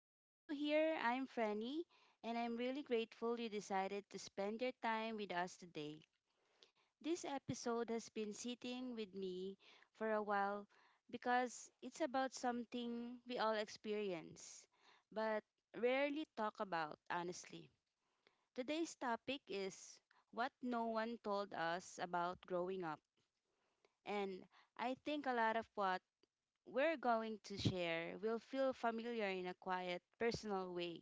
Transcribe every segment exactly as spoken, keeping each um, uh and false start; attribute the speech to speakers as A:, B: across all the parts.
A: If you're new here, I'm Franny, and I'm really grateful you decided to spend your time with us today. This episode has been sitting with me for a while because it's about something we all experience, but rarely talk about, honestly. Today's topic is what no one told us about growing up, and I think a lot of what we're going to share will feel familiar in a quiet, personal way.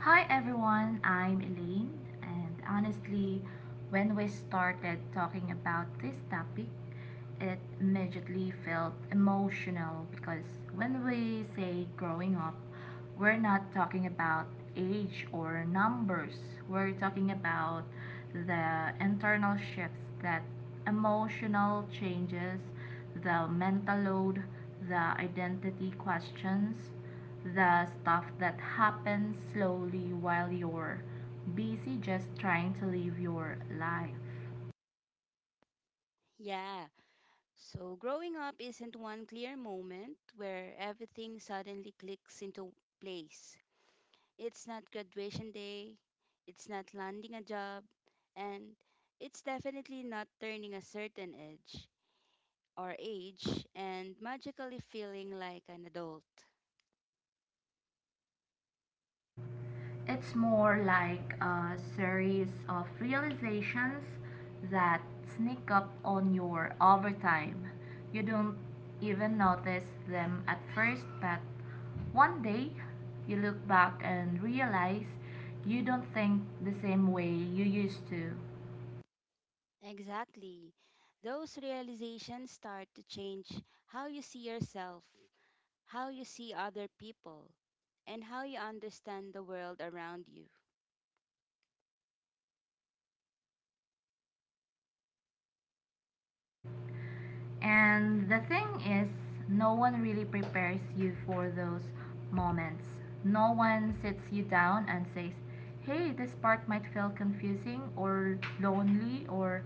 B: Hi everyone, I'm Elaine, and honestly, when we started talking about this topic, it immediately felt emotional because when we say growing up, we're not talking about age or numbers, we're talking about the internal shifts, that emotional changes, the mental load, the identity questions, the stuff that happens slowly while you're busy just trying to live your life.
A: Yeah, so growing up isn't one clear moment where everything suddenly clicks into place. It's not graduation day, it's not landing a job, and it's definitely not turning a certain edge or age and magically feeling like an adult.
B: It's more like a series of realizations that sneak up on you over time. You don't even notice them at first, but one day you look back and realize you don't think the same way you used to.
A: Exactly. Those realizations start to change how you see yourself, how you see other people, and how you understand the world around you.
B: And the thing is, no one really prepares you for those moments. No one sits you down and says, hey, this part might feel confusing or lonely or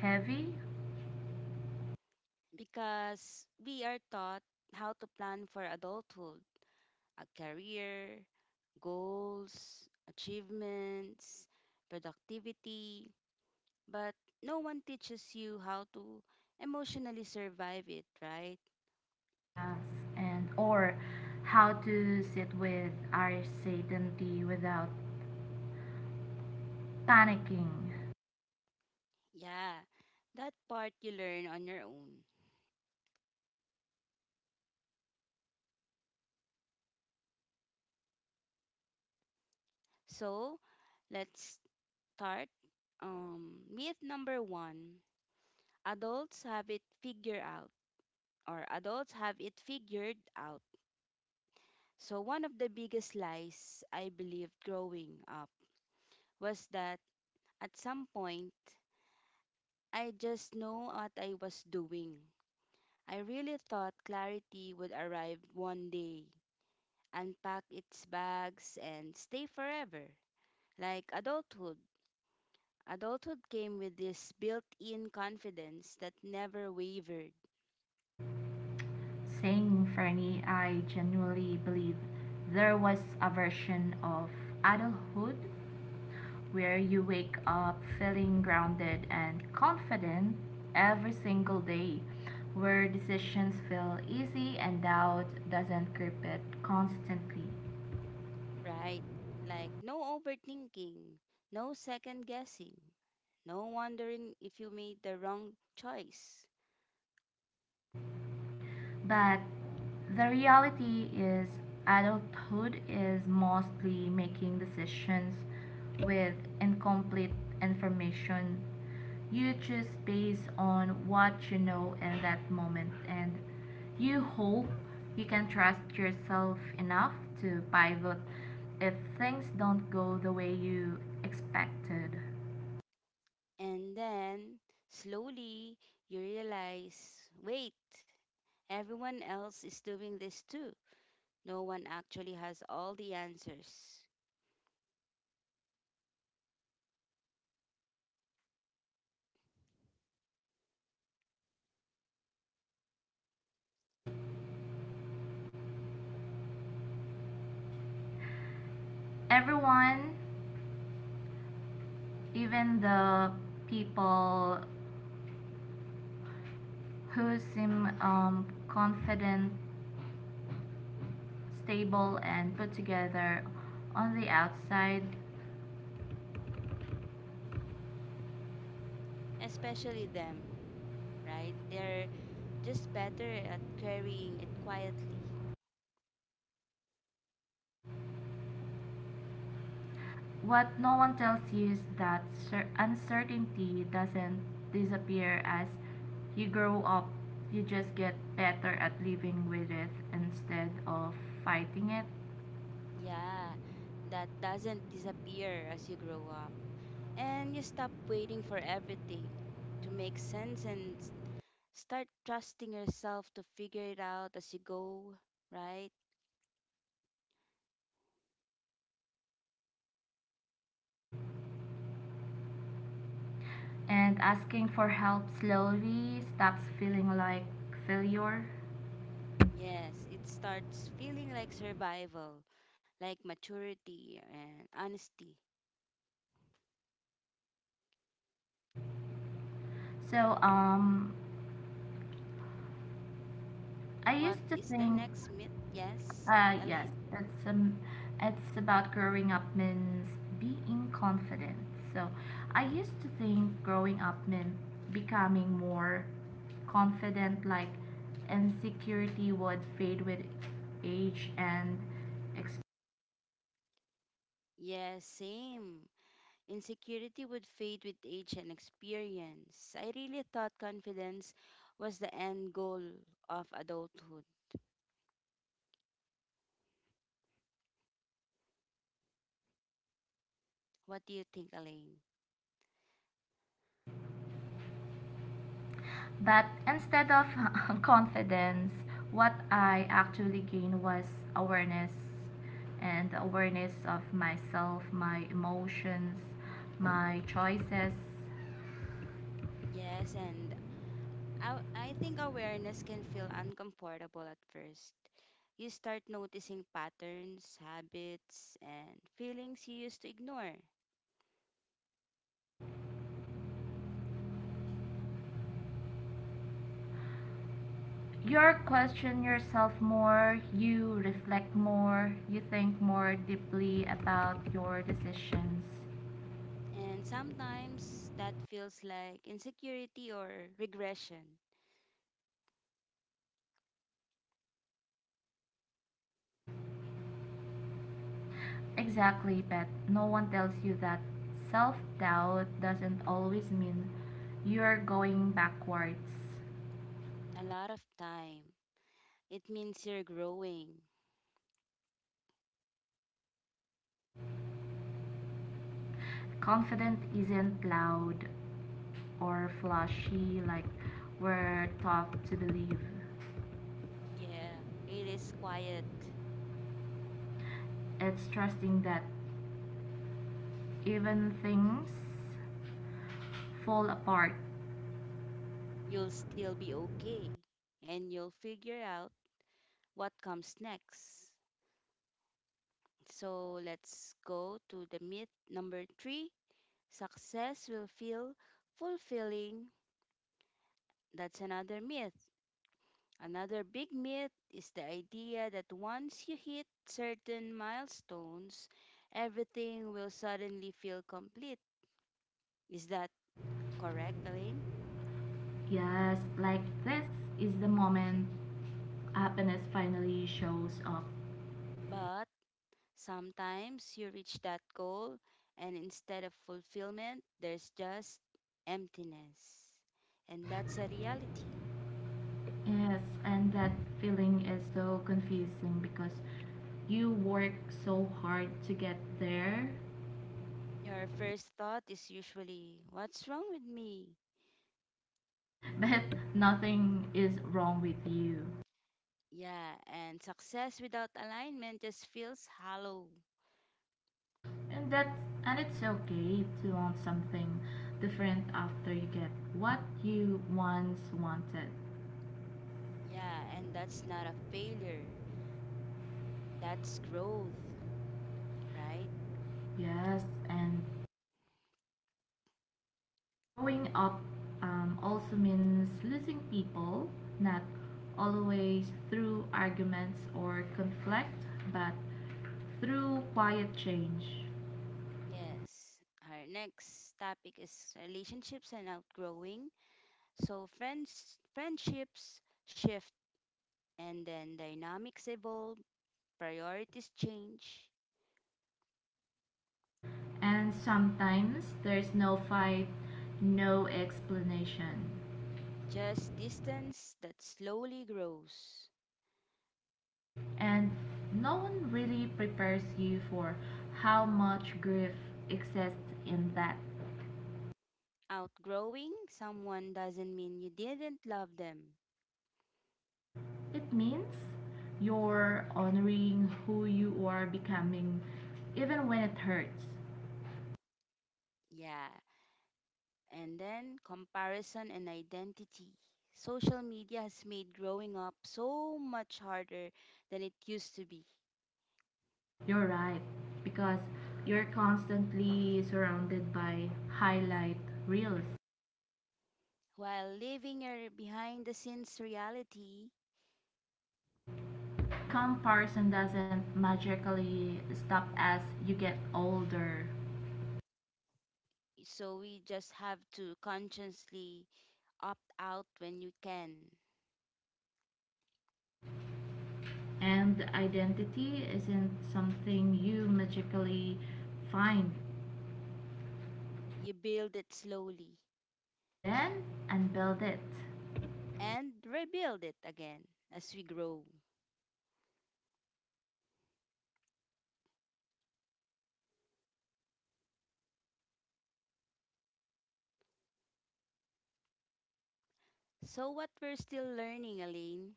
B: heavy.
A: Because we are taught how to plan for adulthood, a career, goals, achievements, productivity, but no one teaches you how to emotionally survive it, right?
B: Yes. And or how to sit with our certainty without panicking.
A: Yeah, that part you learn on your own. So, let's start. Um, myth number one, adults have it figured out or adults have it figured out. So one of the biggest lies I believed growing up was that at some point I just know what I was doing. I really thought clarity would arrive one day, unpack its bags and stay forever. Like adulthood, adulthood came with this built-in confidence that never wavered.
B: Saying Fernie, I genuinely believe there was a version of adulthood where you wake up feeling grounded and confident every single day, where decisions feel easy and doubt doesn't creep it constantly.
A: Right? Like no overthinking, no second guessing, no wondering if you made the wrong choice.
B: But the reality is, adulthood is mostly making decisions with incomplete information. You choose based on what you know in that moment, and you hope you can trust yourself enough to pivot if things don't go the way you expected.
A: And then slowly you realize wait, everyone else is doing this too. No one actually has all the answers,
B: Everyone, even the people who seem um, confident, stable, and put together on the outside.
A: especially them, right? They're just better at carrying it quietly.
B: What no one tells you is that uncertainty doesn't disappear as you grow up. You just get better at living with it instead of fighting it.
A: Yeah, that doesn't disappear as you grow up. And you stop waiting for everything to make sense and s- start trusting yourself to figure it out as you go, right?
B: And asking for help slowly stops feeling like failure.
A: Yes, it starts feeling like survival, like maturity and honesty.
B: So, um, I
A: What
B: used to
A: is the
B: think.
A: next myth? Yes,
B: Uh, yes,
A: Elaine?
B: it's um, it's about growing up means being confident. So, I used to think growing up meant becoming more confident, like insecurity would fade with age and experience.
A: Yes, same. Insecurity would fade with age and experience. I really thought confidence was the end goal of adulthood. What do you think, Elaine?
B: But instead of confidence, what I actually gained was awareness, and awareness of myself, my emotions, my choices.
A: Yes, and I, I think awareness can feel uncomfortable at first. You start noticing patterns, habits, and feelings you used to ignore.
B: You question yourself more, you reflect more, you think more deeply about your decisions.
A: And sometimes that feels like insecurity or regression.
B: Exactly, but no one tells you that self doubt doesn't always mean you're going backwards.
A: A lot of time. It means you're growing.
B: Confident isn't loud or flashy like we're taught to believe.
A: Yeah, it is quiet.
B: It's trusting that even things fall apart.
A: You'll still be okay. And you'll figure out what comes next. So let's go to the myth number three. Success will feel fulfilling. That's another myth. Another big myth is the idea that once you hit certain milestones, everything will suddenly feel complete. Is that correct, Elaine?
B: Yes, like this is the moment happiness finally shows up.
A: But sometimes you reach that goal, and instead of fulfillment, there's just emptiness. And that's a reality.
B: Yes, and that feeling is so confusing because you work so hard to get there,
A: Your first thought is usually, what's wrong with me?
B: but nothing is wrong with you.
A: Yeah, and success without alignment just feels hollow.
B: And that, and it's okay to want something different after you get what you once wanted.
A: Yeah, and that's not a failure. That's growth, right?
B: Yes, and growing up um, also means losing people, not always through arguments or conflict, but through quiet change.
A: Yes. Our next topic is relationships and outgrowing. So friends friendships shift and then dynamics evolve, priorities change,
B: And sometimes there's no fight, no explanation.
A: just distance that slowly grows.
B: And no one really prepares you for how much grief exists in that.
A: Outgrowing someone doesn't mean you didn't love them.
B: It means you're honoring who you are becoming, even when it hurts.
A: Yeah, and then comparison and identity. Social media has made growing up so much harder than it used to be.
B: You're right. Because you're constantly surrounded by highlight reels.
A: While living a behind the scenes reality,
B: Comparison doesn't magically stop as you get older.
A: so we just have to consciously opt out when you can.
B: And identity isn't something you magically find,
A: You build it slowly
B: then unbuild it,
A: and rebuild it again as we grow. So, what we're still learning, Elaine.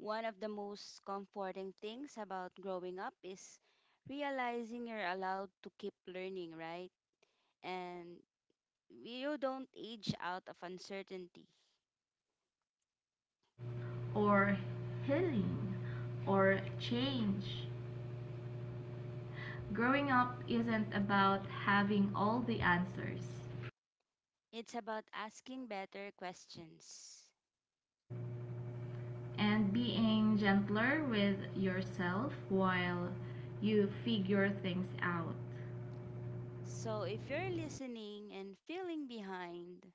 A: One of the most comforting things about growing up is realizing you're allowed to keep learning, right? And you don't age out of uncertainty.
B: or healing, or change. Growing up isn't about having all the answers.
A: It's about asking better questions.
B: And being gentler with yourself while you figure things out,
A: So if you're listening and feeling behind,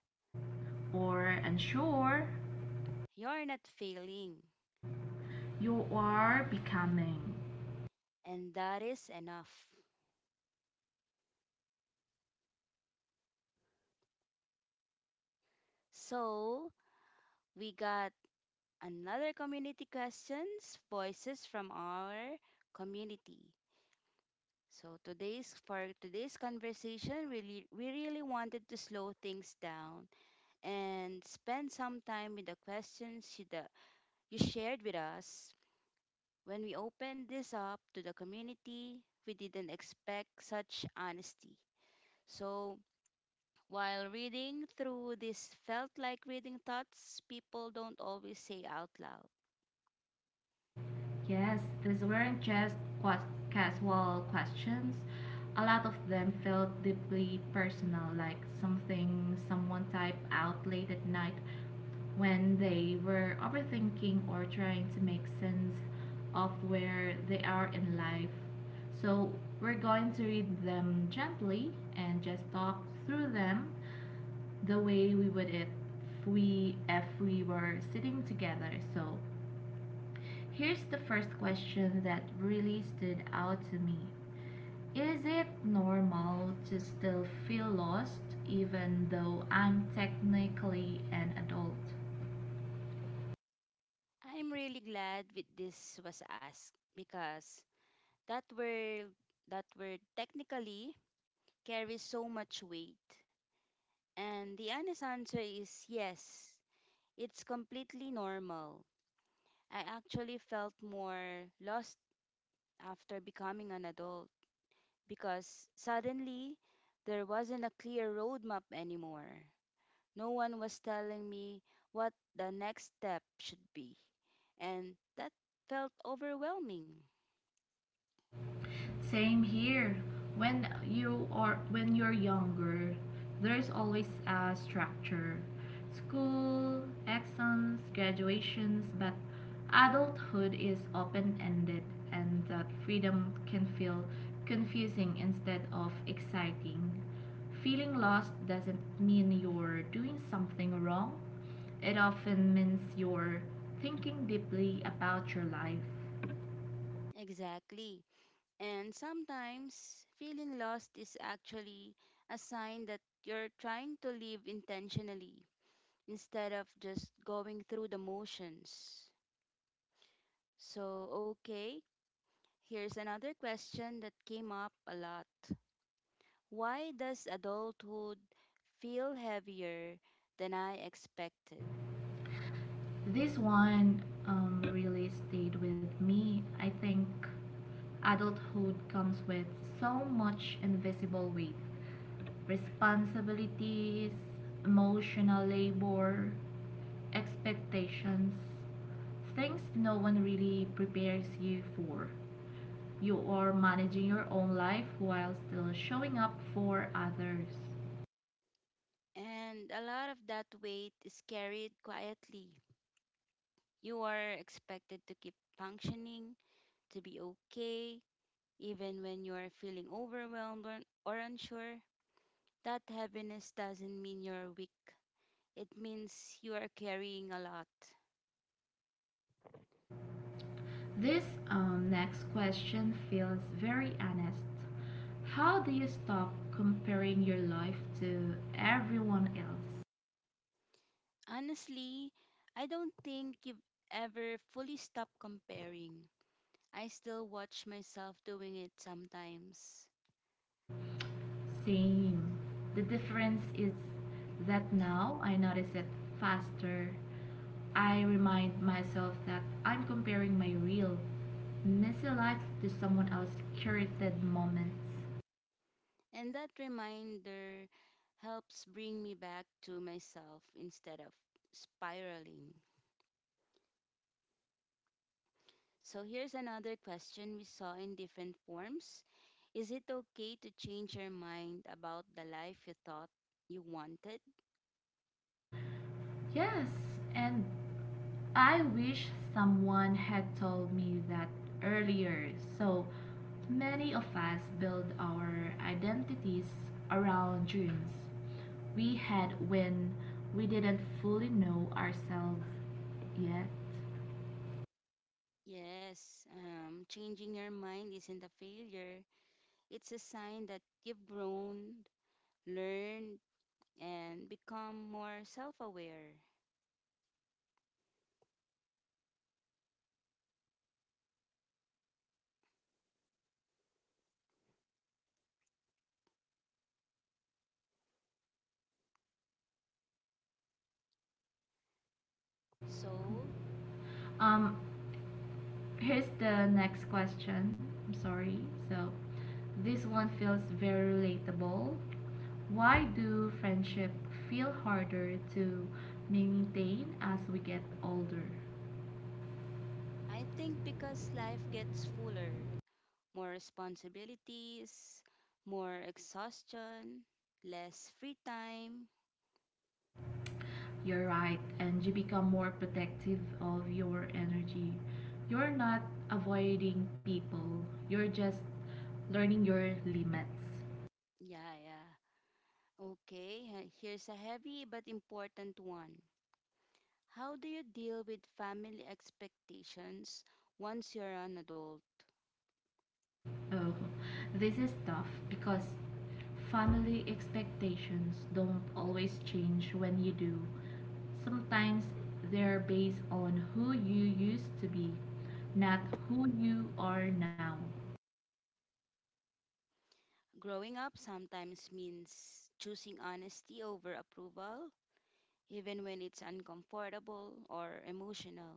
B: or unsure,
A: you're not failing,
B: you are becoming.
A: and that is enough. So we got another community questions, voices from our community. So today's for today's conversation, really we really wanted to slow things down and spend some time with the questions you, the, you shared with us. When we opened this up to the community, we didn't expect such honesty. So while reading through this felt like reading thoughts people don't always say out loud.
B: Yes, these weren't just qua- casual questions. A lot of them felt deeply personal, like something someone typed out late at night when they were overthinking or trying to make sense of where they are in life. So, we're going to read them gently and just talk through them the way we would if we if we were sitting together. So, here's the first question that really stood out to me. Is it normal to still feel lost even though I'm technically an adult?
A: I'm really glad with this was asked because that were that were technically carries so much weight. And the honest answer is yes, it's completely normal. I actually felt more lost after becoming an adult because suddenly there wasn't a clear roadmap anymore. No one was telling me what the next step should be, and that felt overwhelming.
B: Same here. When you are when you're younger, there's always a structure. School, exams, graduations, but adulthood is open-ended and that freedom can feel confusing instead of exciting. Feeling lost doesn't mean you're doing something wrong. It often means you're thinking deeply about your life.
A: Exactly. And sometimes feeling lost is actually a sign that you're trying to live intentionally instead of just going through the motions. So, okay, here's another question that came up a lot. Why does adulthood feel heavier than I expected?
B: This one um, really stayed with me. I think adulthood comes with so much invisible weight, responsibilities, emotional labor, expectations, things no one really prepares you for. You are managing your own life while still showing up for others.
A: And a lot of that weight is carried quietly. You are expected to keep functioning, to be okay, even when you're feeling overwhelmed or, or unsure, that heaviness doesn't mean you're weak. It means you are carrying a lot.
B: This um, next question feels very honest. How do you stop comparing your life to everyone else?
A: Honestly, I don't think you've ever fully stopped comparing. I still watch myself doing it sometimes.
B: Same. The difference is that now I notice it faster. I remind myself that I'm comparing my real, messy life to someone else's curated moments.
A: And that reminder helps bring me back to myself instead of spiraling. So here's another question we saw in different forms. Is it okay to change your mind about the life you thought you wanted?
B: Yes, and I wish someone had told me that earlier. So many of us build our identities around dreams we had when we didn't fully know ourselves yet.
A: Yes, um, changing your mind isn't a failure. It's a sign that you've grown, learned, and become more self aware. So,
B: Um, Here's the next question. I'm sorry. So this one feels very relatable. Why do friendship feel harder to maintain as we get older?
A: I think because life gets fuller, more responsibilities, more exhaustion, less free time.
B: You're right, and you become more protective of your energy. You're not avoiding people, you're just learning your limits.
A: Yeah, yeah. Okay, he- here's a heavy but important one. How do you deal with family expectations once you're an adult?
B: Oh, this is tough because family expectations don't always change when you do. Sometimes they're based on who you used to be, not who you are now.
A: Growing up sometimes means choosing honesty over approval, even when it's uncomfortable or emotional.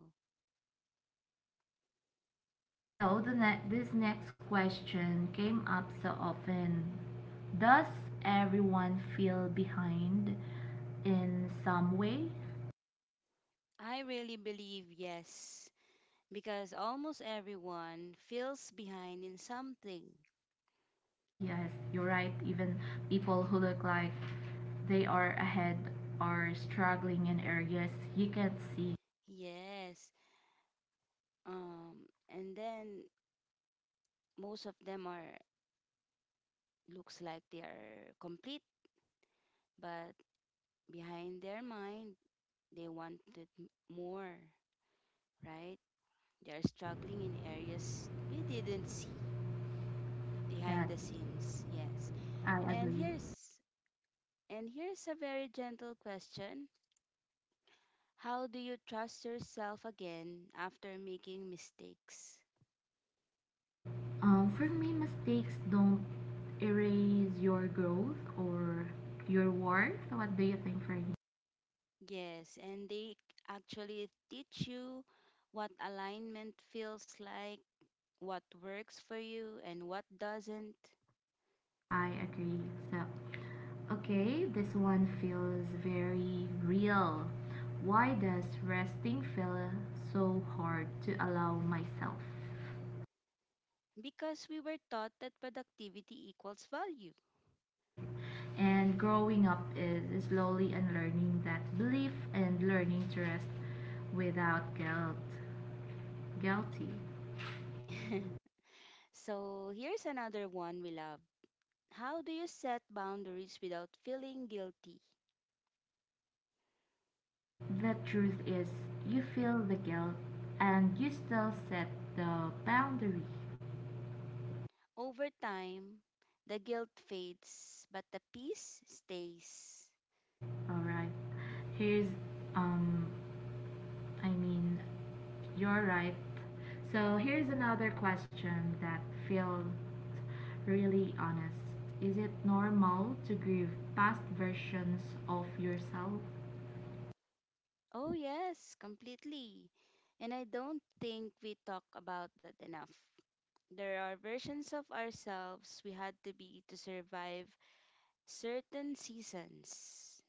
B: So the ne- this next question came up so often. Does everyone feel behind in some way?
A: I really believe yes, because almost everyone feels behind in something.
B: Yes, you're right. Even people who look like they are ahead are struggling in areas you can't see.
A: Yes. Um and then most of them are looks like they are complete but behind their mind, they wanted m- more, right? They're struggling in areas we didn't see
B: Yes,
A: behind the scenes. Yes.
B: I
A: And
B: agree.
A: here's and here's a very gentle question. How do you trust yourself again after making mistakes?
B: Um, for me, mistakes don't erase your growth or your worth. What do you think, Fernie?
A: Yes, and they actually teach you what alignment feels like, what works for you, and what doesn't.
B: I agree. So, okay, this one feels very real. Why does resting feel so hard to allow myself?
A: Because we were taught that productivity equals value,
B: And growing up is slowly unlearning that belief and learning to rest without guilt. Guilty.
A: so here's another one we love. How do you set boundaries without feeling guilty?
B: The truth is, you feel the guilt and you still set the boundary.
A: Over time, the guilt fades, but the peace stays.
B: Alright. Here's um I mean, you're right. So here's another question that feels really honest. Is it normal to grieve past versions of yourself?
A: Oh, yes, completely. And I don't think we talk about that enough. There are versions of ourselves we had to be to survive certain seasons.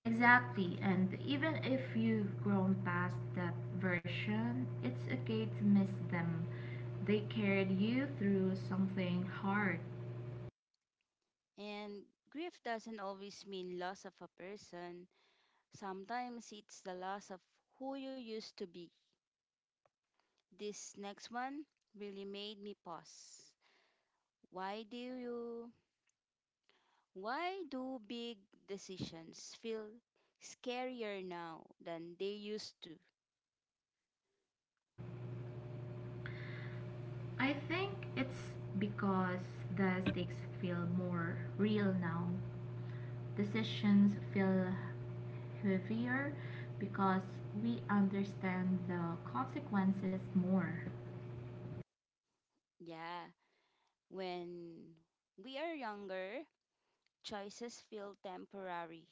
B: Exactly, and even if you've grown past that version, it's okay to miss them. They carried you through something hard.
A: And grief doesn't always mean loss of a person. Sometimes it's the loss of who you used to be. This next one really made me pause. Why do you why do big decisions feel scarier now than they used to?
B: I think it's because the stakes feel more real now. Decisions feel heavier because we understand the consequences more.
A: Yeah, when we are younger, choices feel temporary,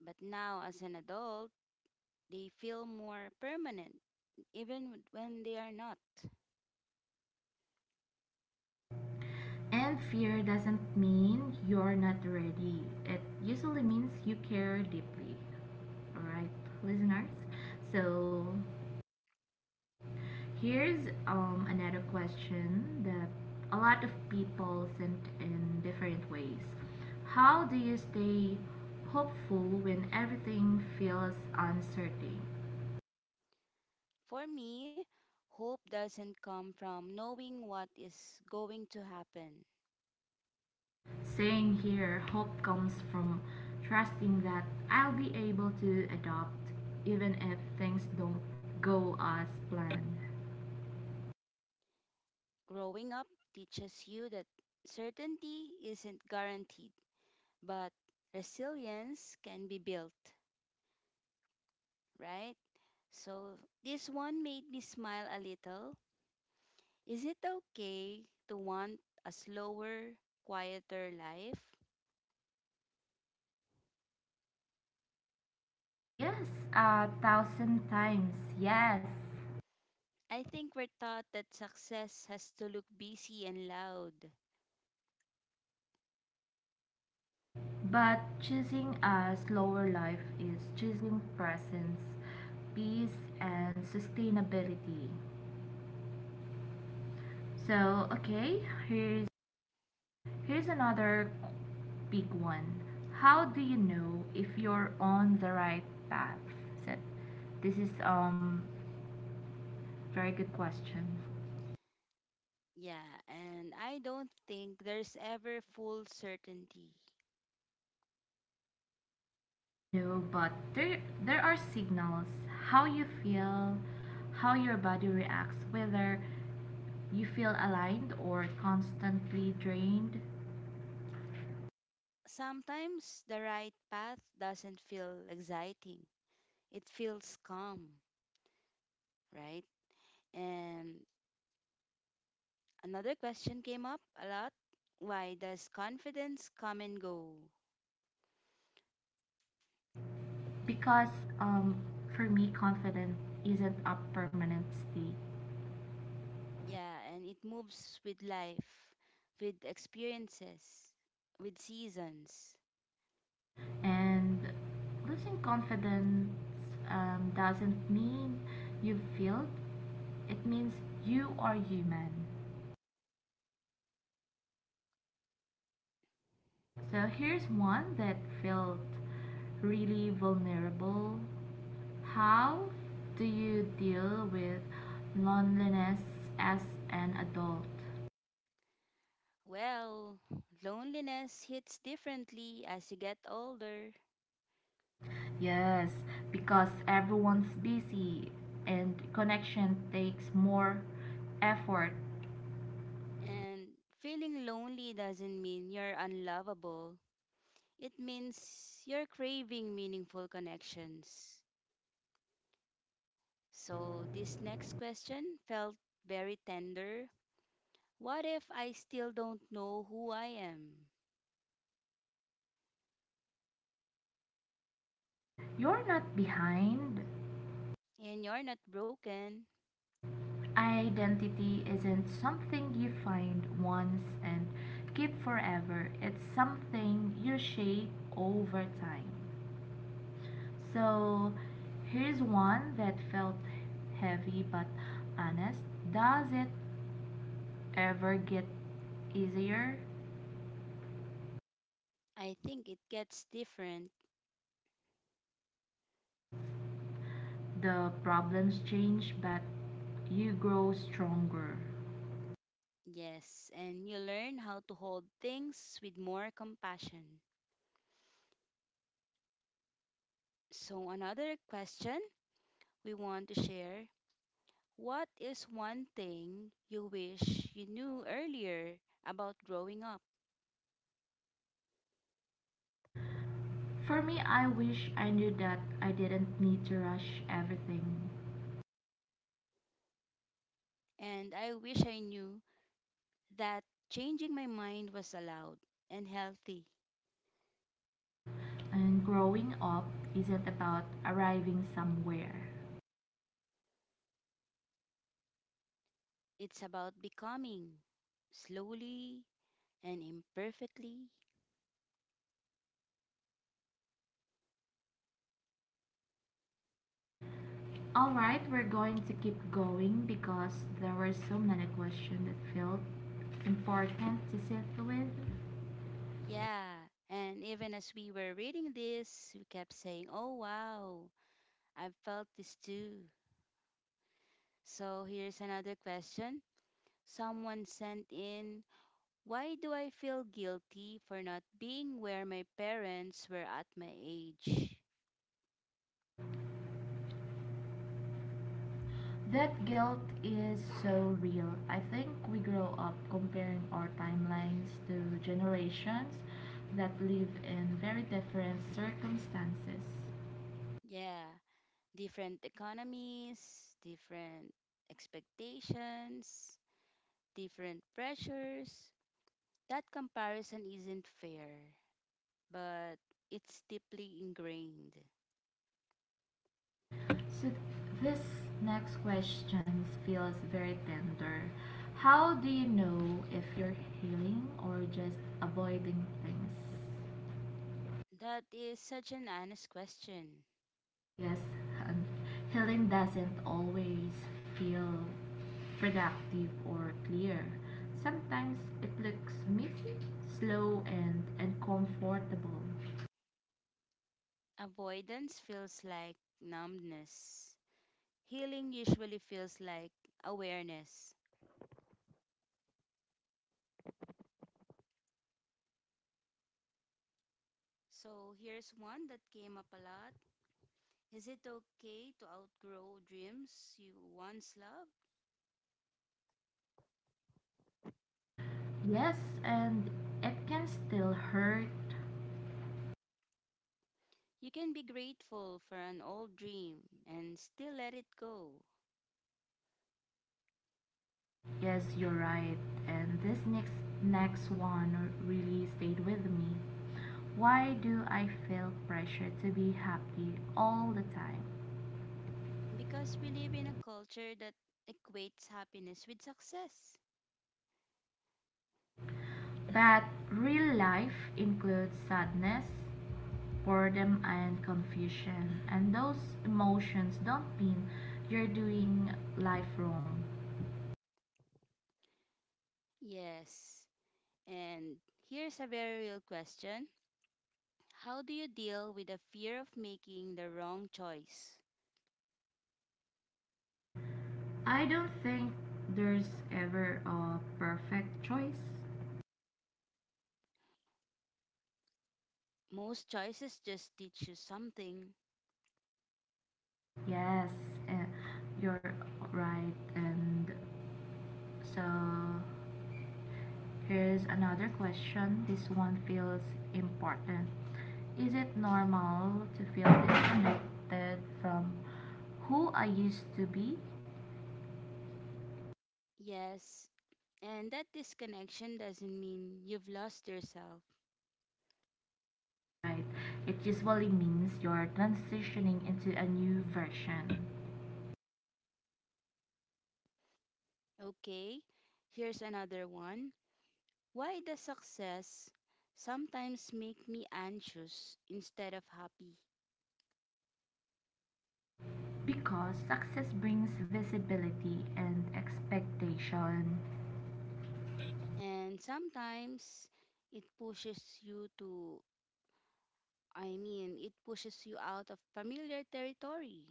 A: but now as an adult, they feel more permanent even when they are not.
B: And fear doesn't mean you're not ready. It usually means you care deeply. Alright, listeners? So, here's um, another question that a lot of people sent in different ways. How do you stay hopeful when everything feels uncertain?
A: For me, hope doesn't come from knowing what is going to happen.
B: Saying here, hope comes from trusting that I'll be able to adopt even if things don't go as planned.
A: Growing up teaches you that certainty isn't guaranteed, but resilience can be built, right? So, this one made me smile a little. Is it okay to want a slower, quieter life?
B: Yes, a thousand times, yes.
A: I think we're taught that success has to look busy and loud.
B: But choosing a slower life is choosing presence, peace, and sustainability. So, okay, here's here's another big one. How do you know if you're on the right path? Said, this is um very good question.
A: Yeah, and I don't think there's ever full certainty.
B: No, but there there are signals. How you feel, how your body reacts, whether you feel aligned or constantly drained.
A: Sometimes the right path doesn't feel exciting, it feels calm, right? And another question came up a lot, why does confidence come and go?
B: Because um for me, confidence isn't a permanent state.
A: Yeah, and it moves with life, with experiences, with seasons.
B: And losing confidence um, doesn't mean you failed, it means you are human. So here's one that felt really vulnerable. How do you deal with loneliness as an adult?
A: Well, loneliness hits differently as you get older.
B: Yes, because everyone's busy and connection takes more effort.
A: And feeling lonely doesn't mean you're unlovable. It means you're craving meaningful connections. So, this next question felt very tender. What if I still don't know who I am?
B: You're not behind.
A: And you're not broken.
B: Identity isn't something you find once and keep forever, it's something you shape over time. So, here's one that felt heavy but honest. Does it ever get easier
A: I think it gets different.
B: as the problems change but you grow stronger?
A: Yes, and you learn how to hold things with more compassion. So, another question we want to share. What is one thing you wish you knew earlier about growing up?
B: For me, I wish I knew that I didn't need to rush everything.
A: And I wish I knew that changing my mind was allowed and healthy.
B: And growing up isn't about arriving somewhere.
A: It's about becoming slowly and imperfectly.
B: Alright, we're going to keep going because there were so many questions that felt important to sit with.
A: Yeah, and even as we were reading this, we kept saying, oh wow, I've felt this too. So here's another question someone sent in. Why do I feel guilty for not being where my parents were at my age?
B: That guilt is so real. I think we grow up comparing our timelines to generations that live in very different circumstances.
A: Yeah, different economies, different expectations, different pressures. That comparison isn't fair, but it's deeply ingrained.
B: So this next question feels very tender. How do you know if you're healing or just avoiding things?
A: That is such an honest question.
B: Yes, and healing doesn't always feel productive or clear. Sometimes it looks messy, slow, and uncomfortable.
A: Avoidance feels like numbness. Healing usually feels like awareness. So here's one that came up a lot. Is it okay to outgrow dreams you once loved?
B: Yes, and it can still hurt.
A: You can be grateful for an old dream and still let it go
B: Yes, you're right. And this next next one really stayed with me. Why do I feel pressure to be happy all the time?
A: because we live in a culture that equates happiness with success.
B: But real life includes sadness, boredom and confusion. And those emotions don't mean you're doing life wrong.
A: Yes, and here's a very real question. How do you deal with the fear of making the wrong choice?
B: I don't think there's ever a perfect choice.
A: Most choices just teach you something.
B: Yes, uh, you're right. And so here's another question. This one feels important. Is it normal to feel disconnected from who I used to be?
A: Yes, and that disconnection doesn't mean you've lost yourself.
B: Right. It usually means you're transitioning into a new version.
A: Okay, here's another one. Why does success sometimes make me anxious instead of happy?
B: Because success brings visibility and expectation.
A: And sometimes it pushes you to, I mean, it pushes you out of familiar territory.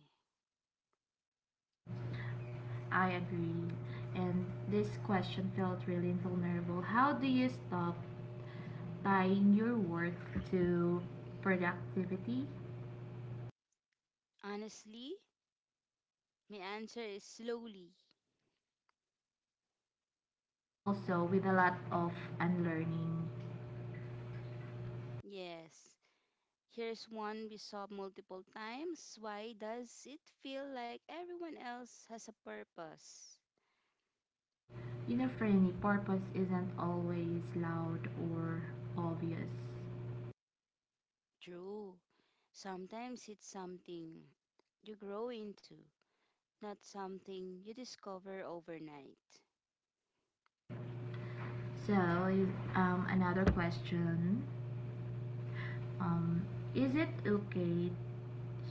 B: I agree. And this question felt really vulnerable. How do you stop tying your work to productivity,
A: Honestly, my answer is slowly.
B: and also with a lot of unlearning.
A: Yes. Here's one we saw multiple times. Why does it feel like everyone else has a purpose?
B: You know, for any purpose isn't always loud or obvious.
A: True. Sometimes it's something you grow into, not something you discover overnight.
B: So, um, another question, um, is it okay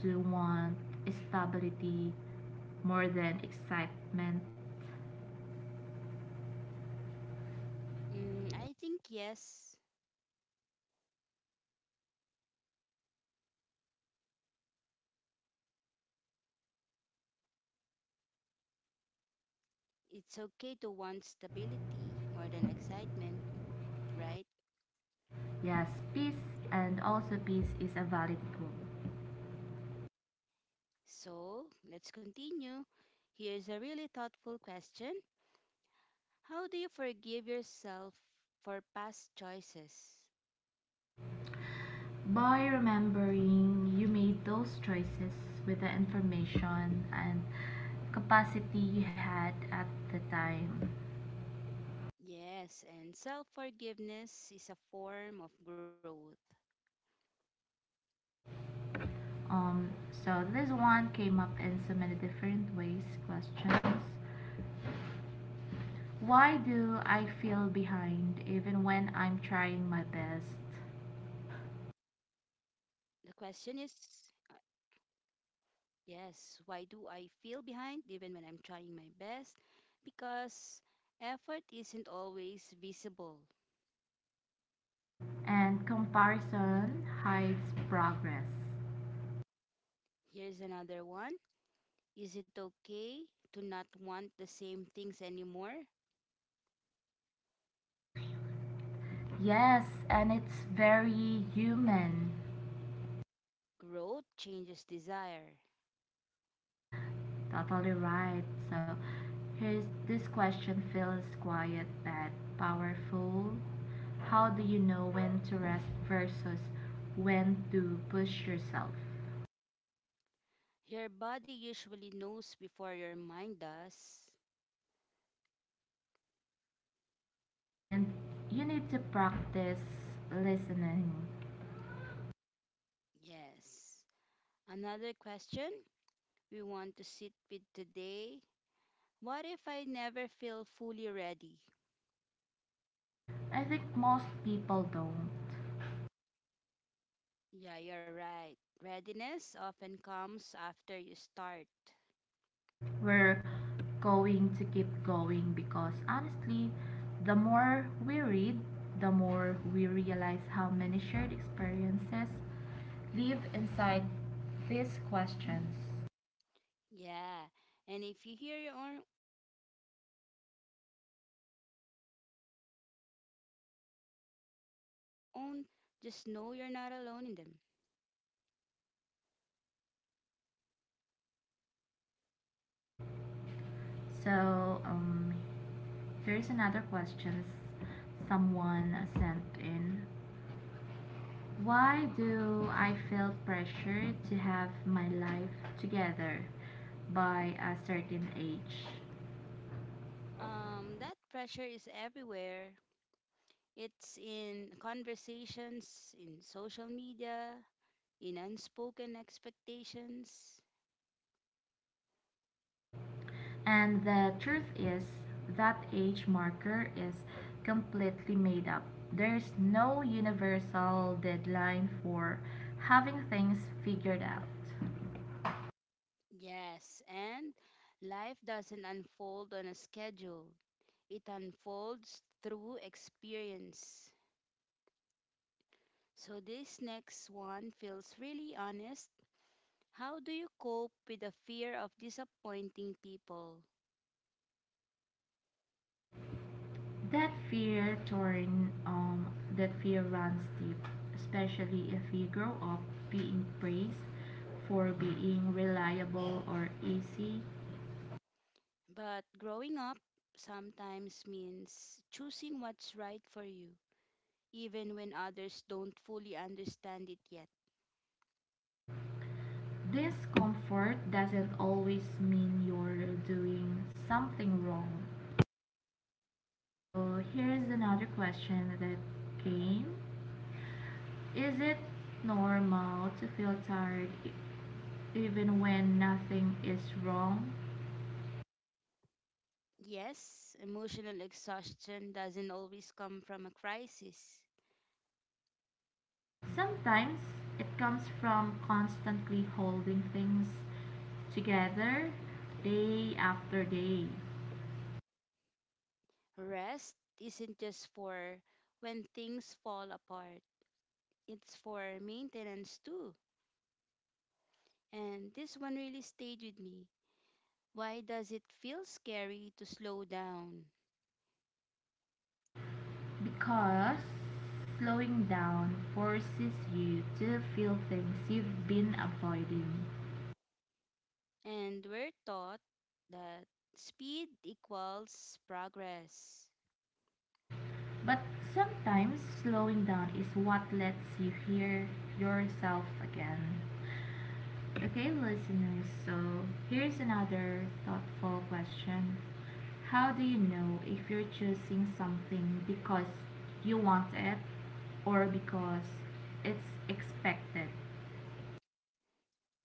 B: to want stability more than excitement?
A: Mm, I think yes, it's okay to want stability more than excitement, right?
B: Yes, peace, and also peace is a valid goal.
A: So let's continue. Here's a really thoughtful question. How do you forgive yourself for past choices?
B: By remembering you made those choices with the information and capacity you had at the time.
A: Yes, and self forgiveness is a form of growth.
B: Um, so this one came up in so many different ways. Questions. Why do I feel behind even when I'm trying my best?
A: The question is uh, yes, why do I feel behind even when I'm trying my best? Because effort isn't always visible.
B: And comparison hides progress.
A: Here's another one. Is it okay to not want the same things anymore?
B: Yes, and it's very human.
A: Growth changes desire.
B: Totally right. So here's this question feels quiet but powerful. How do you know when to rest versus when to push yourself?
A: Your body usually knows before your mind does.
B: And you need to practice listening.
A: Yes. Another question we want to sit with today. What if I never feel fully ready?
B: I think most people don't.
A: Yeah, you're right. Readiness often comes after you start.
B: we're going to keep going because honestly, the more we read, the more we realize how many shared experiences live inside these questions.
A: Yeah, and if you hear your own, just know you're not alone in them.
B: So, um, Here's another question someone sent in. Why do I feel pressure to have my life together by a certain age?
A: Um, that pressure is everywhere. It's in conversations, in social media, in unspoken expectations.
B: And the truth is, that age marker is completely made up. There's no universal deadline for having things figured out.
A: Yes, and life doesn't unfold on a schedule. It unfolds through experience. So, this next one feels really honest. How do you cope with the fear of disappointing people?
B: That fear torn, um, that fear runs deep, especially if you grow up being praised for being reliable or easy.
A: But growing up sometimes means choosing what's right for you, even when others don't fully understand it yet.
B: Discomfort doesn't always mean you're doing something wrong. So here's another question that came. Is it normal to feel tired e- even when nothing is wrong?
A: Yes, emotional exhaustion doesn't always come from a crisis.
B: Sometimes it comes from constantly holding things together day after day,
A: Rest isn't just for when things fall apart. It's for maintenance too. And this one really stayed with me. Why does it feel scary to slow down?
B: because slowing down forces you to feel things you've been avoiding.
A: And we're taught that speed equals progress.
B: But sometimes slowing down is what lets you hear yourself again. Okay, listeners, so here's another thoughtful question. How do you know if you're choosing something because you want it or because it's expected?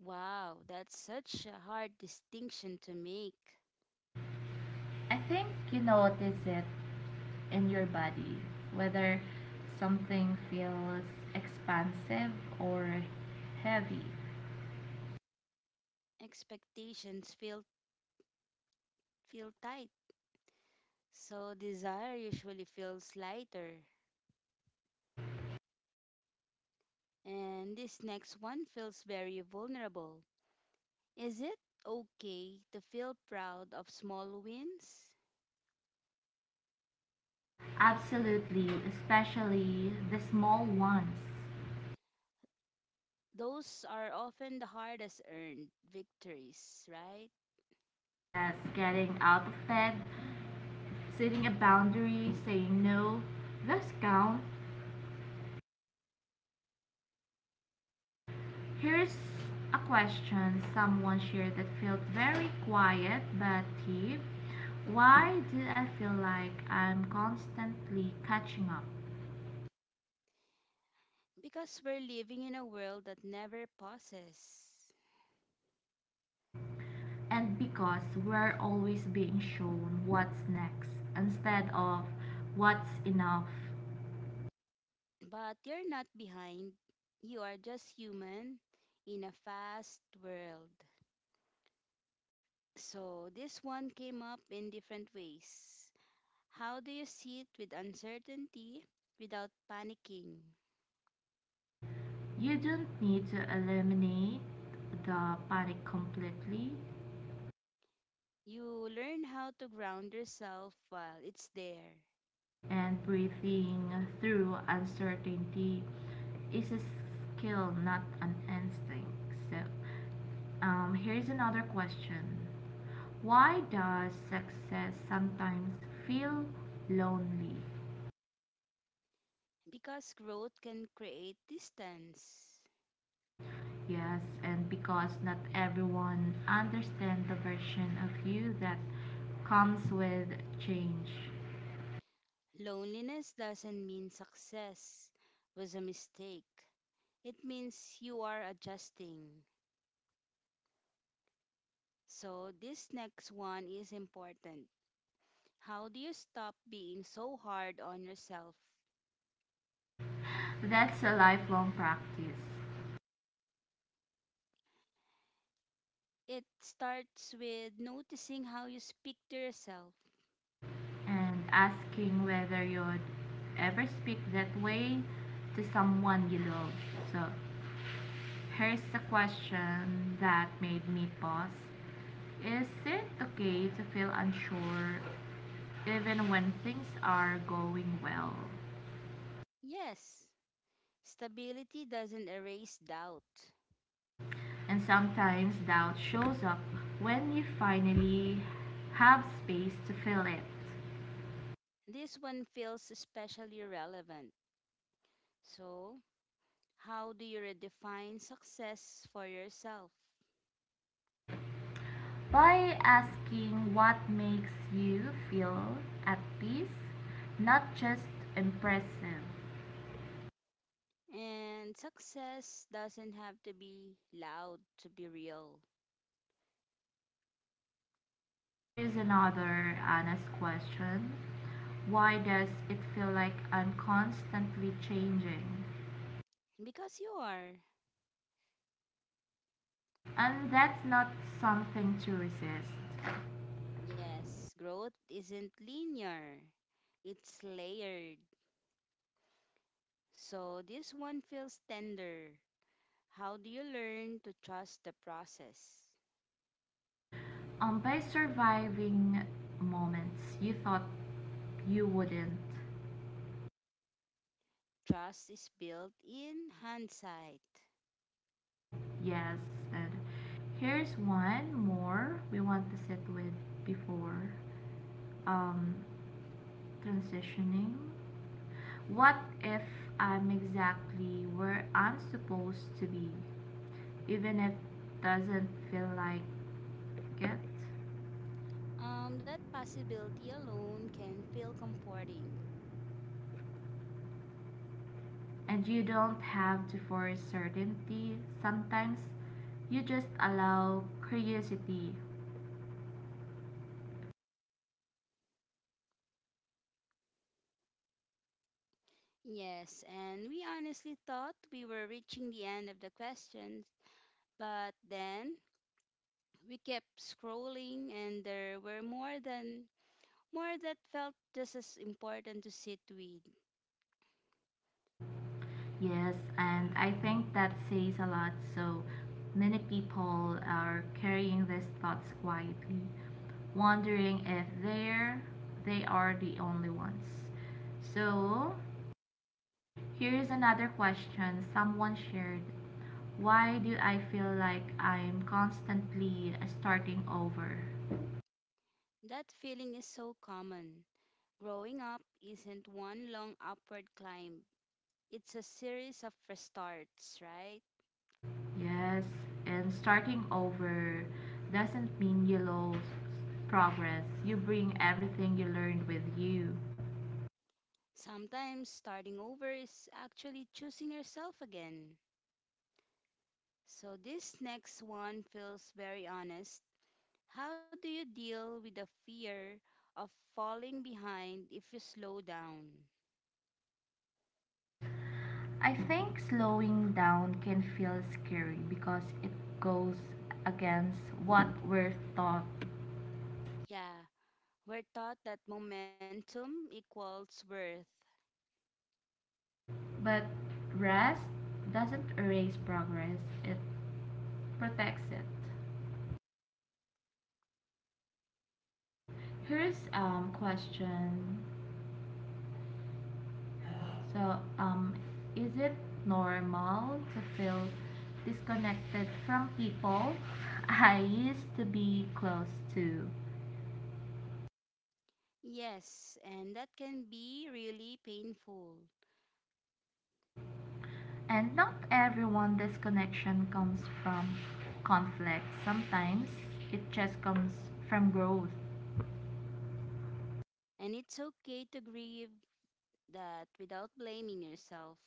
A: Wow, that's such a hard distinction to make.
B: I think you notice it in your body, whether something feels expansive or heavy.
A: Expectations feel feel tight, so desire usually feels lighter. And this next one feels very vulnerable. Is it okay to feel proud of small wins?
B: Absolutely, especially the small ones.
A: Those are often the hardest earned victories, right?
B: Yes, getting out of bed, setting a boundary, saying no, those count. Here's a question someone shared that felt very quiet but deep. Why do I feel like I'm constantly catching up?
A: Because we're living in a world that never pauses.
B: And because we're always being shown what's next instead of what's enough.
A: But you're not behind, you are just human in a fast world. So, this one came up in different ways. How do you see it with uncertainty without panicking?
B: You don't need to eliminate the panic completely,
A: You learn how to ground yourself while it's there.
B: and breathing through uncertainty is a skill, not an instinct. So, um, Here's another question. Why does success sometimes feel lonely?
A: Because growth can create distance.
B: Yes, and because not everyone understands the version of you that comes with change.
A: Loneliness doesn't mean success was a mistake, it means you are adjusting. So, this next one is important. How do you stop being so hard on yourself?
B: That's a lifelong practice.
A: It starts with noticing how you speak to yourself.
B: And asking whether you'd ever speak that way to someone you love. So, here's the question that made me pause. Is it okay to feel unsure even when things are going well?
A: Yes, stability doesn't erase doubt.
B: And sometimes doubt shows up when you finally have space to feel it.
A: This one feels especially relevant. So, how do you redefine success for yourself?
B: By asking what makes you feel at peace, not just impressive.
A: And success doesn't have to be loud to be real.
B: Here is another honest question. Why does it feel like I'm constantly changing?
A: Because you are.
B: And that's not something to resist.
A: Yes, growth isn't linear, it's layered. So this one feels tender. How do you learn to trust the process?
B: Um, by surviving moments you thought you wouldn't
A: Trust is built in hindsight.
B: get, yes, and here's one more we want to sit with before um, transitioning? What if I'm exactly where I'm supposed to be, even if it doesn't feel like it?
A: Um, that possibility alone can feel comforting.
B: And you don't have to force certainty. Sometimes you just allow curiosity.
A: Yes, and we honestly thought we were reaching the end of the questions, but then we kept scrolling and there were more than more that felt just as important to sit with.
B: Yes, and I think that says a lot. So many people are carrying these thoughts quietly, wondering if they're they are the only ones. So here's another question someone shared. Why do I feel like I'm constantly starting over?
A: That feeling is so common. Growing up isn't one long upward climb. It's a series of restarts, right?
B: Yes, and starting over doesn't mean you lose progress. You bring everything you learned with you.
A: Sometimes starting over is actually choosing yourself again. So this next one feels very honest. How do you deal with the fear of falling behind if you slow down?
B: I think slowing down can feel scary because it goes against what we're taught.
A: Yeah, we're taught that momentum equals worth.
B: But rest doesn't erase progress, it protects it. Here's um question. So um is it normal to feel disconnected from people I used to be close to?
A: Yes, and that can be really painful.
B: And not everyone this connection comes from conflict. Sometimes it just comes from growth.
A: And it's okay to grieve that without blaming yourself.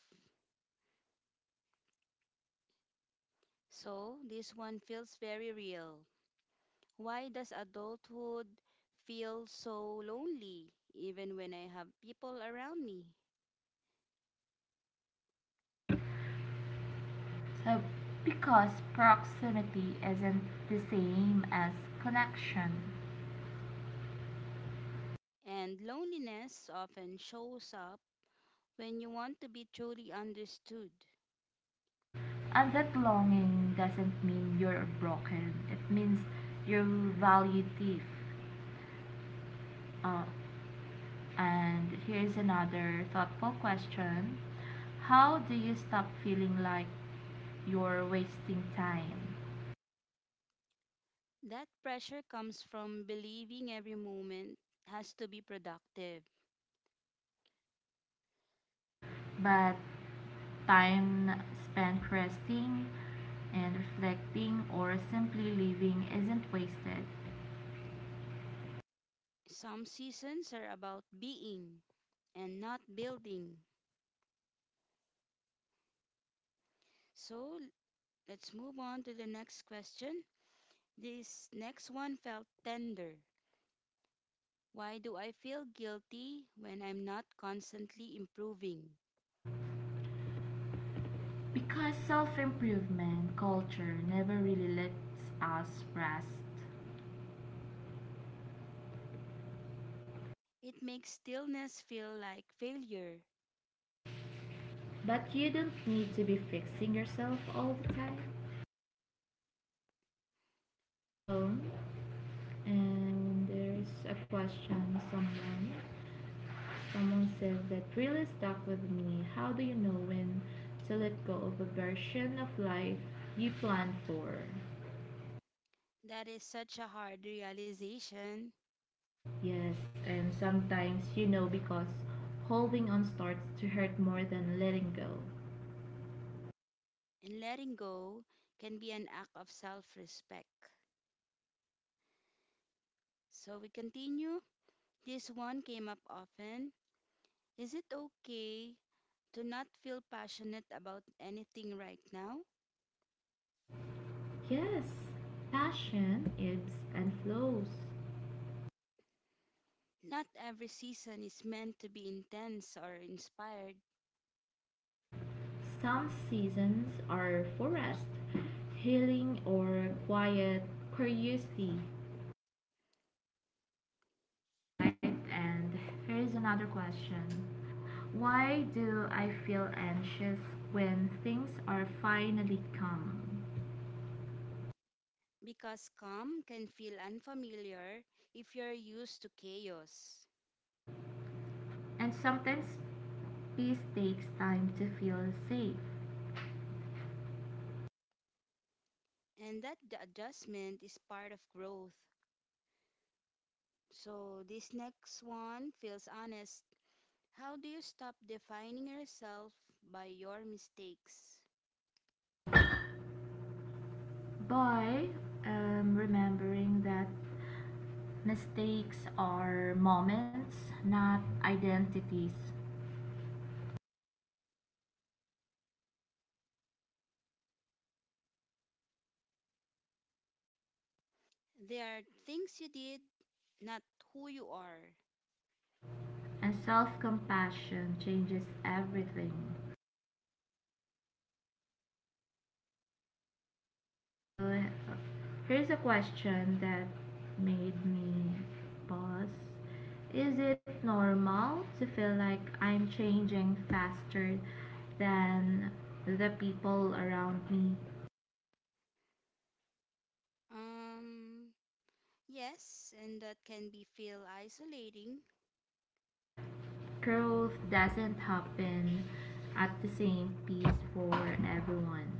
A: So, this one feels very real. Why does adulthood feel so lonely, even when I have people around me?
B: So because proximity isn't the same as connection.
A: And loneliness often shows up when you want to be truly understood.
B: And that longing doesn't mean you're broken. It means you value deep. Uh, and here's another thoughtful question. How do you stop feeling like you're wasting time?
A: That pressure comes from believing every moment has to be productive.
B: But time spent resting and reflecting or simply living isn't wasted,
A: Some seasons are about being and not building. So let's move on to the next question. This next one felt tender. Why do I feel guilty when I'm not constantly improving?
B: because self improvement culture never really lets us rest.
A: It makes stillness feel like failure.
B: But you don't need to be fixing yourself all the time. So, and there's a question someone someone said that really stuck with me. How do you know when to let go of a version of life you planned for?
A: That is such a hard realization,
B: Yes, and sometimes you know because holding on starts to hurt more than letting go.
A: and letting go can be an act of self respect. So we continue. This one came up often. Is it okay to not feel passionate about anything right now?
B: Yes, passion ebbs and flows.
A: Not every season is meant to be intense or inspired,
B: Some seasons are for rest, healing, or quiet curiosity, right? And here is another question. Why do I feel anxious when things are finally calm?
A: because calm can feel unfamiliar if you're used to chaos.
B: And sometimes peace takes time to feel safe.
A: And that the adjustment is part of growth. So this next one feels honest. How do you stop defining yourself by your mistakes?
B: By um, remembering that mistakes are moments, not identities.
A: They are things you did, not who you are.
B: And self compassion changes everything. So, here's a question that made me pause. Is it normal to feel like I'm changing faster than the people around me?
A: Um, yes, and that can be feel isolating.
B: Growth doesn't happen at the same pace for everyone.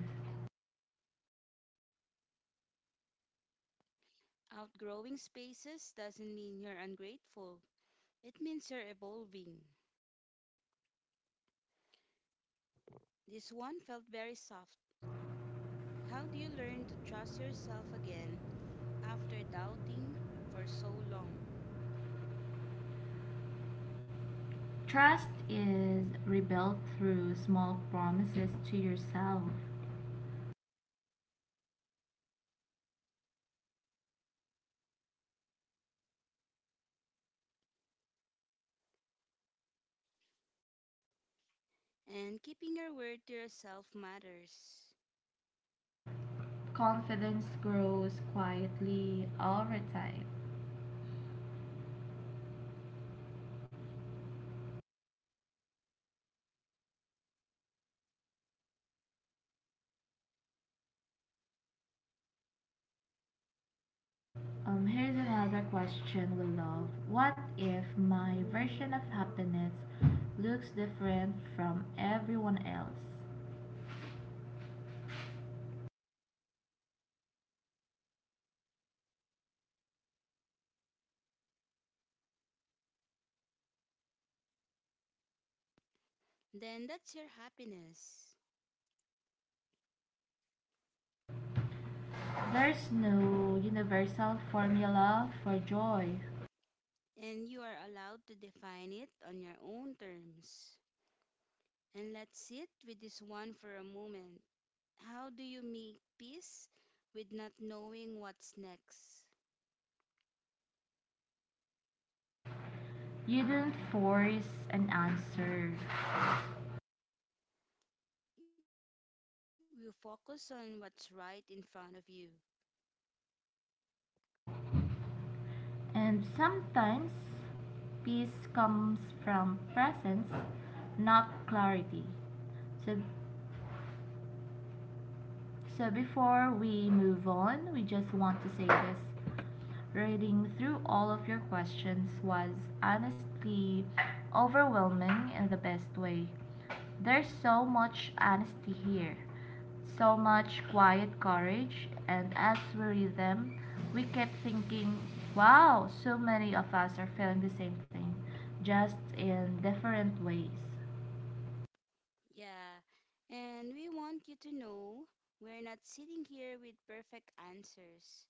A: Outgrowing spaces doesn't mean you're ungrateful. It means you're evolving. This one felt very soft. How do you learn to trust yourself again after doubting for so long?
B: Trust is rebuilt through small promises to yourself.
A: And keeping your word to yourself matters.
B: Confidence grows quietly over time. Um, here's another question we love. What if my version of happiness looks different from everyone else?
A: Then that's your happiness.
B: There's no universal formula for joy.
A: And you are allowed to define it on your own terms. And let's sit with this one for a moment. How do you make peace with not knowing what's next?
B: You don't force an answer.
A: You focus on what's right in front of you.
B: And sometimes peace comes from presence, not clarity. So, so before we move on, we just want to say this. Reading through all of your questions was honestly overwhelming in the best way. There's so much honesty here, so much quiet courage, and as we read them, we kept thinking, wow, so many of us are feeling the same thing, just in different ways.
A: Yeah, and we want you to know we're not sitting here with perfect answers.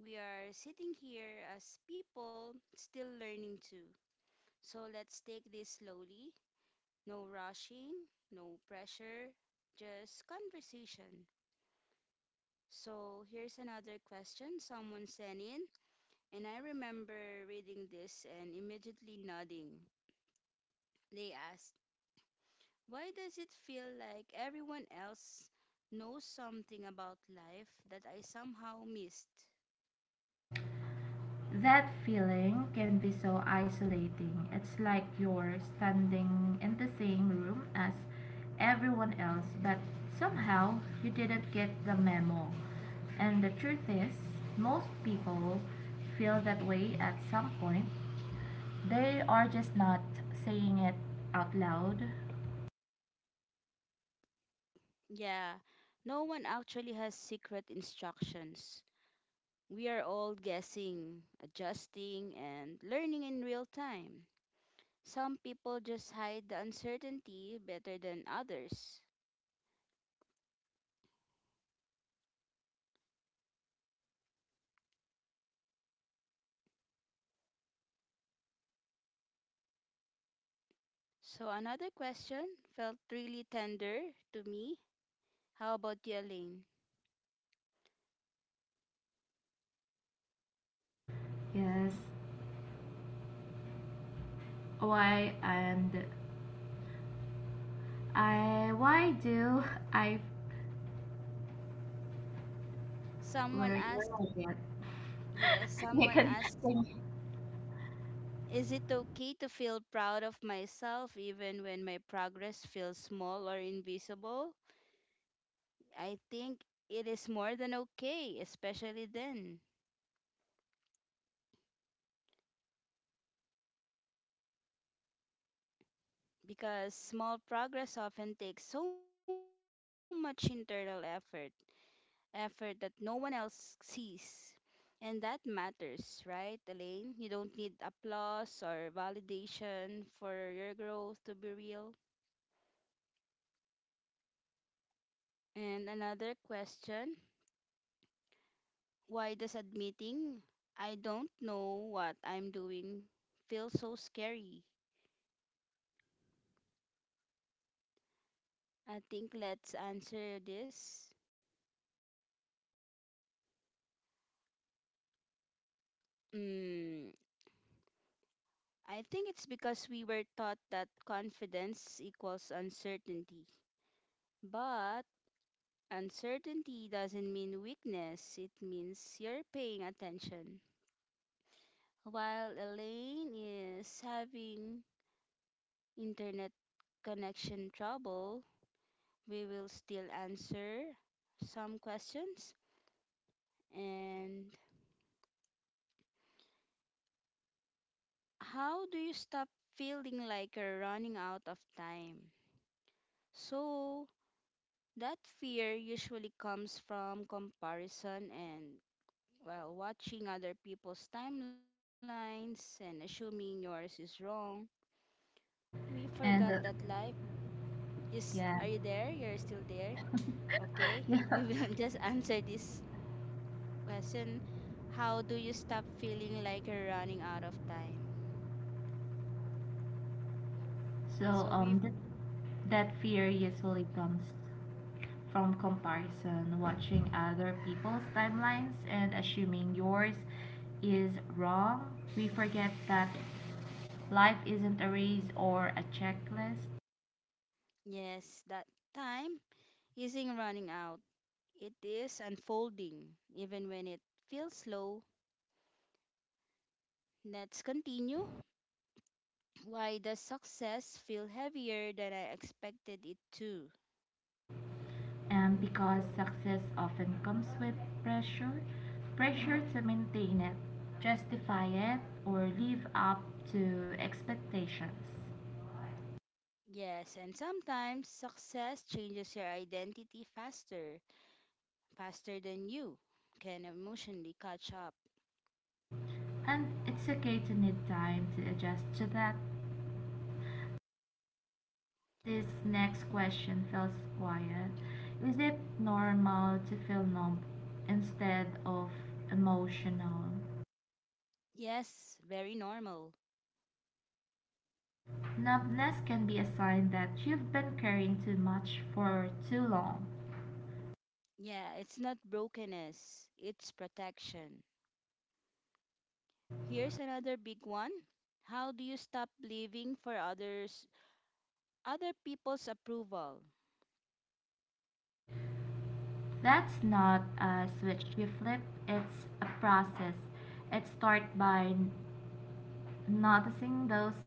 A: We are sitting here as people still learning too. So let's take this slowly. No rushing, no pressure, just conversation. So here's another question someone sent in, and I remember reading this and immediately nodding. They asked, why does it feel like everyone else knows something about life that I somehow missed?
B: That feeling can be so isolating. It's like you're standing in the same room as everyone else, but somehow you didn't get the memo. And the truth is, most people feel that way at some point. They are just not saying it out loud.
A: Yeah, no one actually has secret instructions. We are all guessing, adjusting, and learning in real time. Some people just hide the uncertainty better than others. So, another question felt really tender to me. How about you, Elaine?
B: Yes. Why and I why do I
A: Someone
B: where where
A: asked,
B: I get?
A: yes,
B: You
A: someone
B: can-
A: asked, is it okay to feel proud of myself even when my progress feels small or invisible? I think it is more than okay, especially then, because small progress often takes so much internal effort, effort that no one else sees. And that matters, right, Elaine? You don't need applause or validation for your growth to be real. And another question, why does admitting I don't know what I'm doing feel so scary? I think let's answer this. Mm, I think it's because we were taught that confidence equals uncertainty. But uncertainty doesn't mean weakness, it means you're paying attention. While Elaine is having internet connection trouble, we will still answer some questions. And how do you stop feeling like you're running out of time? So, that fear usually comes from comparison and, well, watching other people's timelines and assuming yours is wrong. We forgot that
B: and uh,
A: life is. Are you
B: Yeah.
A: there? You're still there? Okay. We
B: Yeah.
A: will just answer this question. How do you stop feeling like you're running out of time?
B: So
A: So we,
B: um that that fear usually comes from comparison, watching other people's timelines and assuming yours is wrong. We forget that life isn't a race or a checklist,
A: yes, that time isn't running out. It is unfolding, even when it feels slow. Let's continue. Why does success feel heavier than I expected it to?
B: and because success often comes with pressure, pressure to maintain it, justify it or live up to expectations.
A: Yes, and sometimes success changes your identity faster faster than you can emotionally catch up.
B: And it's okay to need time to adjust to that. This next question feels quiet. Is it normal to feel numb instead of emotional?
A: Yes, very normal.
B: Numbness can be a sign that you've been carrying too much for too long.
A: Yeah, it's not brokenness, it's protection. Here's another big one. How do you stop living for others other people's approval?
B: That's not a switch you flip, it's a process. It starts by noticing those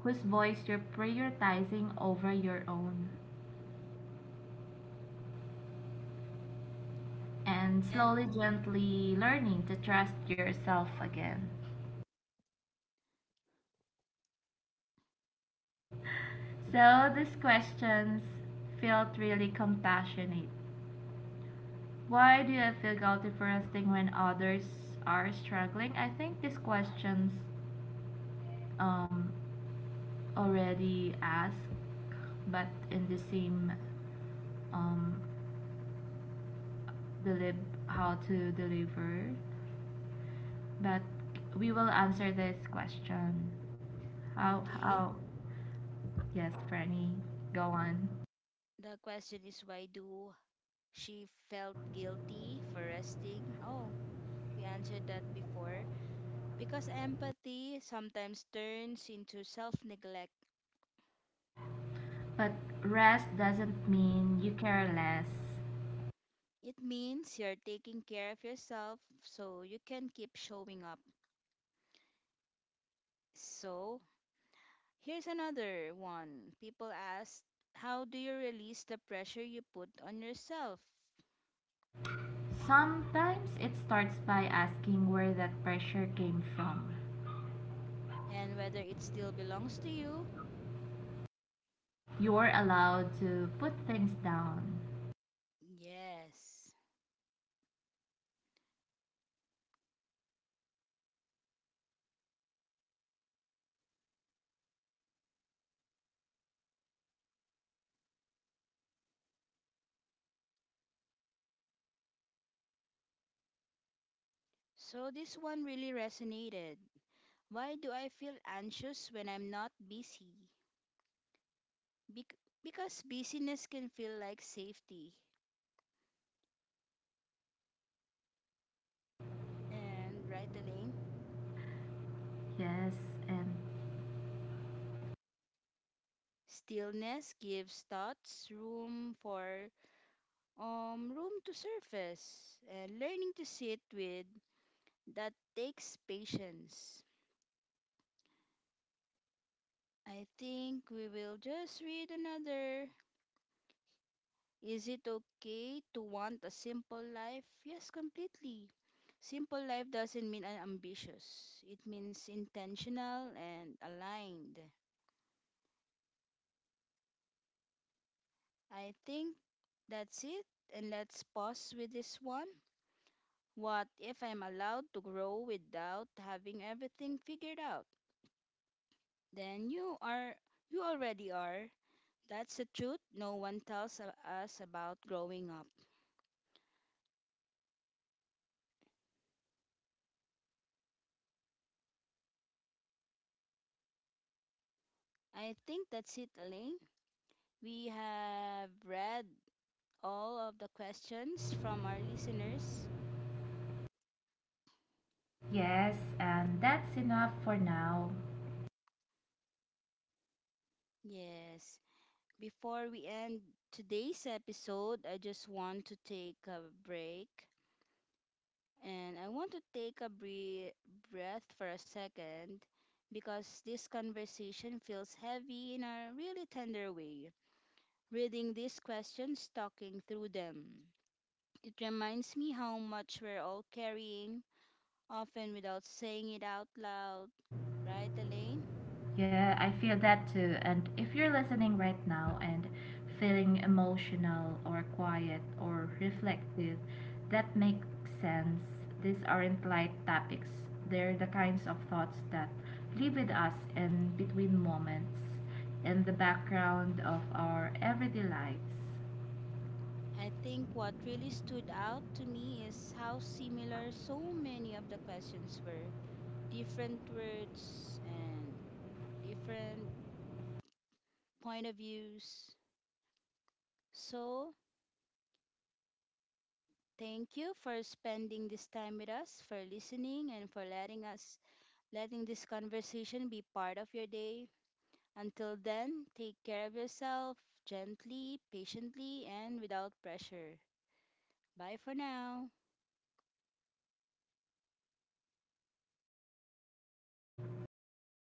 B: whose voice you're prioritizing over your own, and
A: And
B: slowly, gently learning to trust yourself again. So these questions felt really compassionate. Why do I feel guilty for resting when others are struggling? I think these questions um, already asked, but in the same um, delib how to deliver. But we will answer this question. How
A: okay,
B: how? Yes, Franny, go on.
A: the question is why do she felt guilty for resting? Oh, we answered that before. Because empathy sometimes turns into self-neglect.
B: But rest doesn't mean you care less.
A: It means you're taking care of yourself so you can keep showing up. So, here's another one. People ask, how do you release the pressure you put on yourself?
B: Sometimes it starts by asking where that pressure came from.
A: And whether it still belongs to you?
B: You're allowed to put things down.
A: Yes. So, this one really resonated. Why do I feel anxious when I'm not busy? Bec- because busyness can feel like safety. And, right, Elaine?
B: Yes, and
A: Stillness gives thoughts room for um, room to surface, and learning to sit with that takes patience. I think we will just read another. Is it okay to want a simple life? Yes, completely. Simple life doesn't mean unambitious, it means intentional and aligned. I think that's it, and let's pause with this one. What if I'm allowed to grow without having everything figured out? Then you are you already are. That's the truth no one tells a- us about growing up. I think that's it, Elaine. We have read all of the questions from our listeners.
B: yes, and that's enough for now.
A: Yes. Before we end today's episode, I just want to take a break and I want to take a bre- breath for a second because this conversation feels heavy in a really tender way. Reading these questions, talking through them. It reminds me how much we're all carrying, often without saying it out loud, right, Elaine?
B: Yeah, I feel that too. And if you're listening right now and feeling emotional or quiet or reflective, that makes sense. These aren't light topics, they're the kinds of thoughts that live with us in between moments, in the background of our everyday lives.
A: I think what really stood out to me is how similar so many of the questions were. Different words and different point of views. So, thank you for spending this time with us, for listening and for letting us letting this conversation be part of your day. Until then, take care of yourself gently, patiently, and without pressure. Bye for now.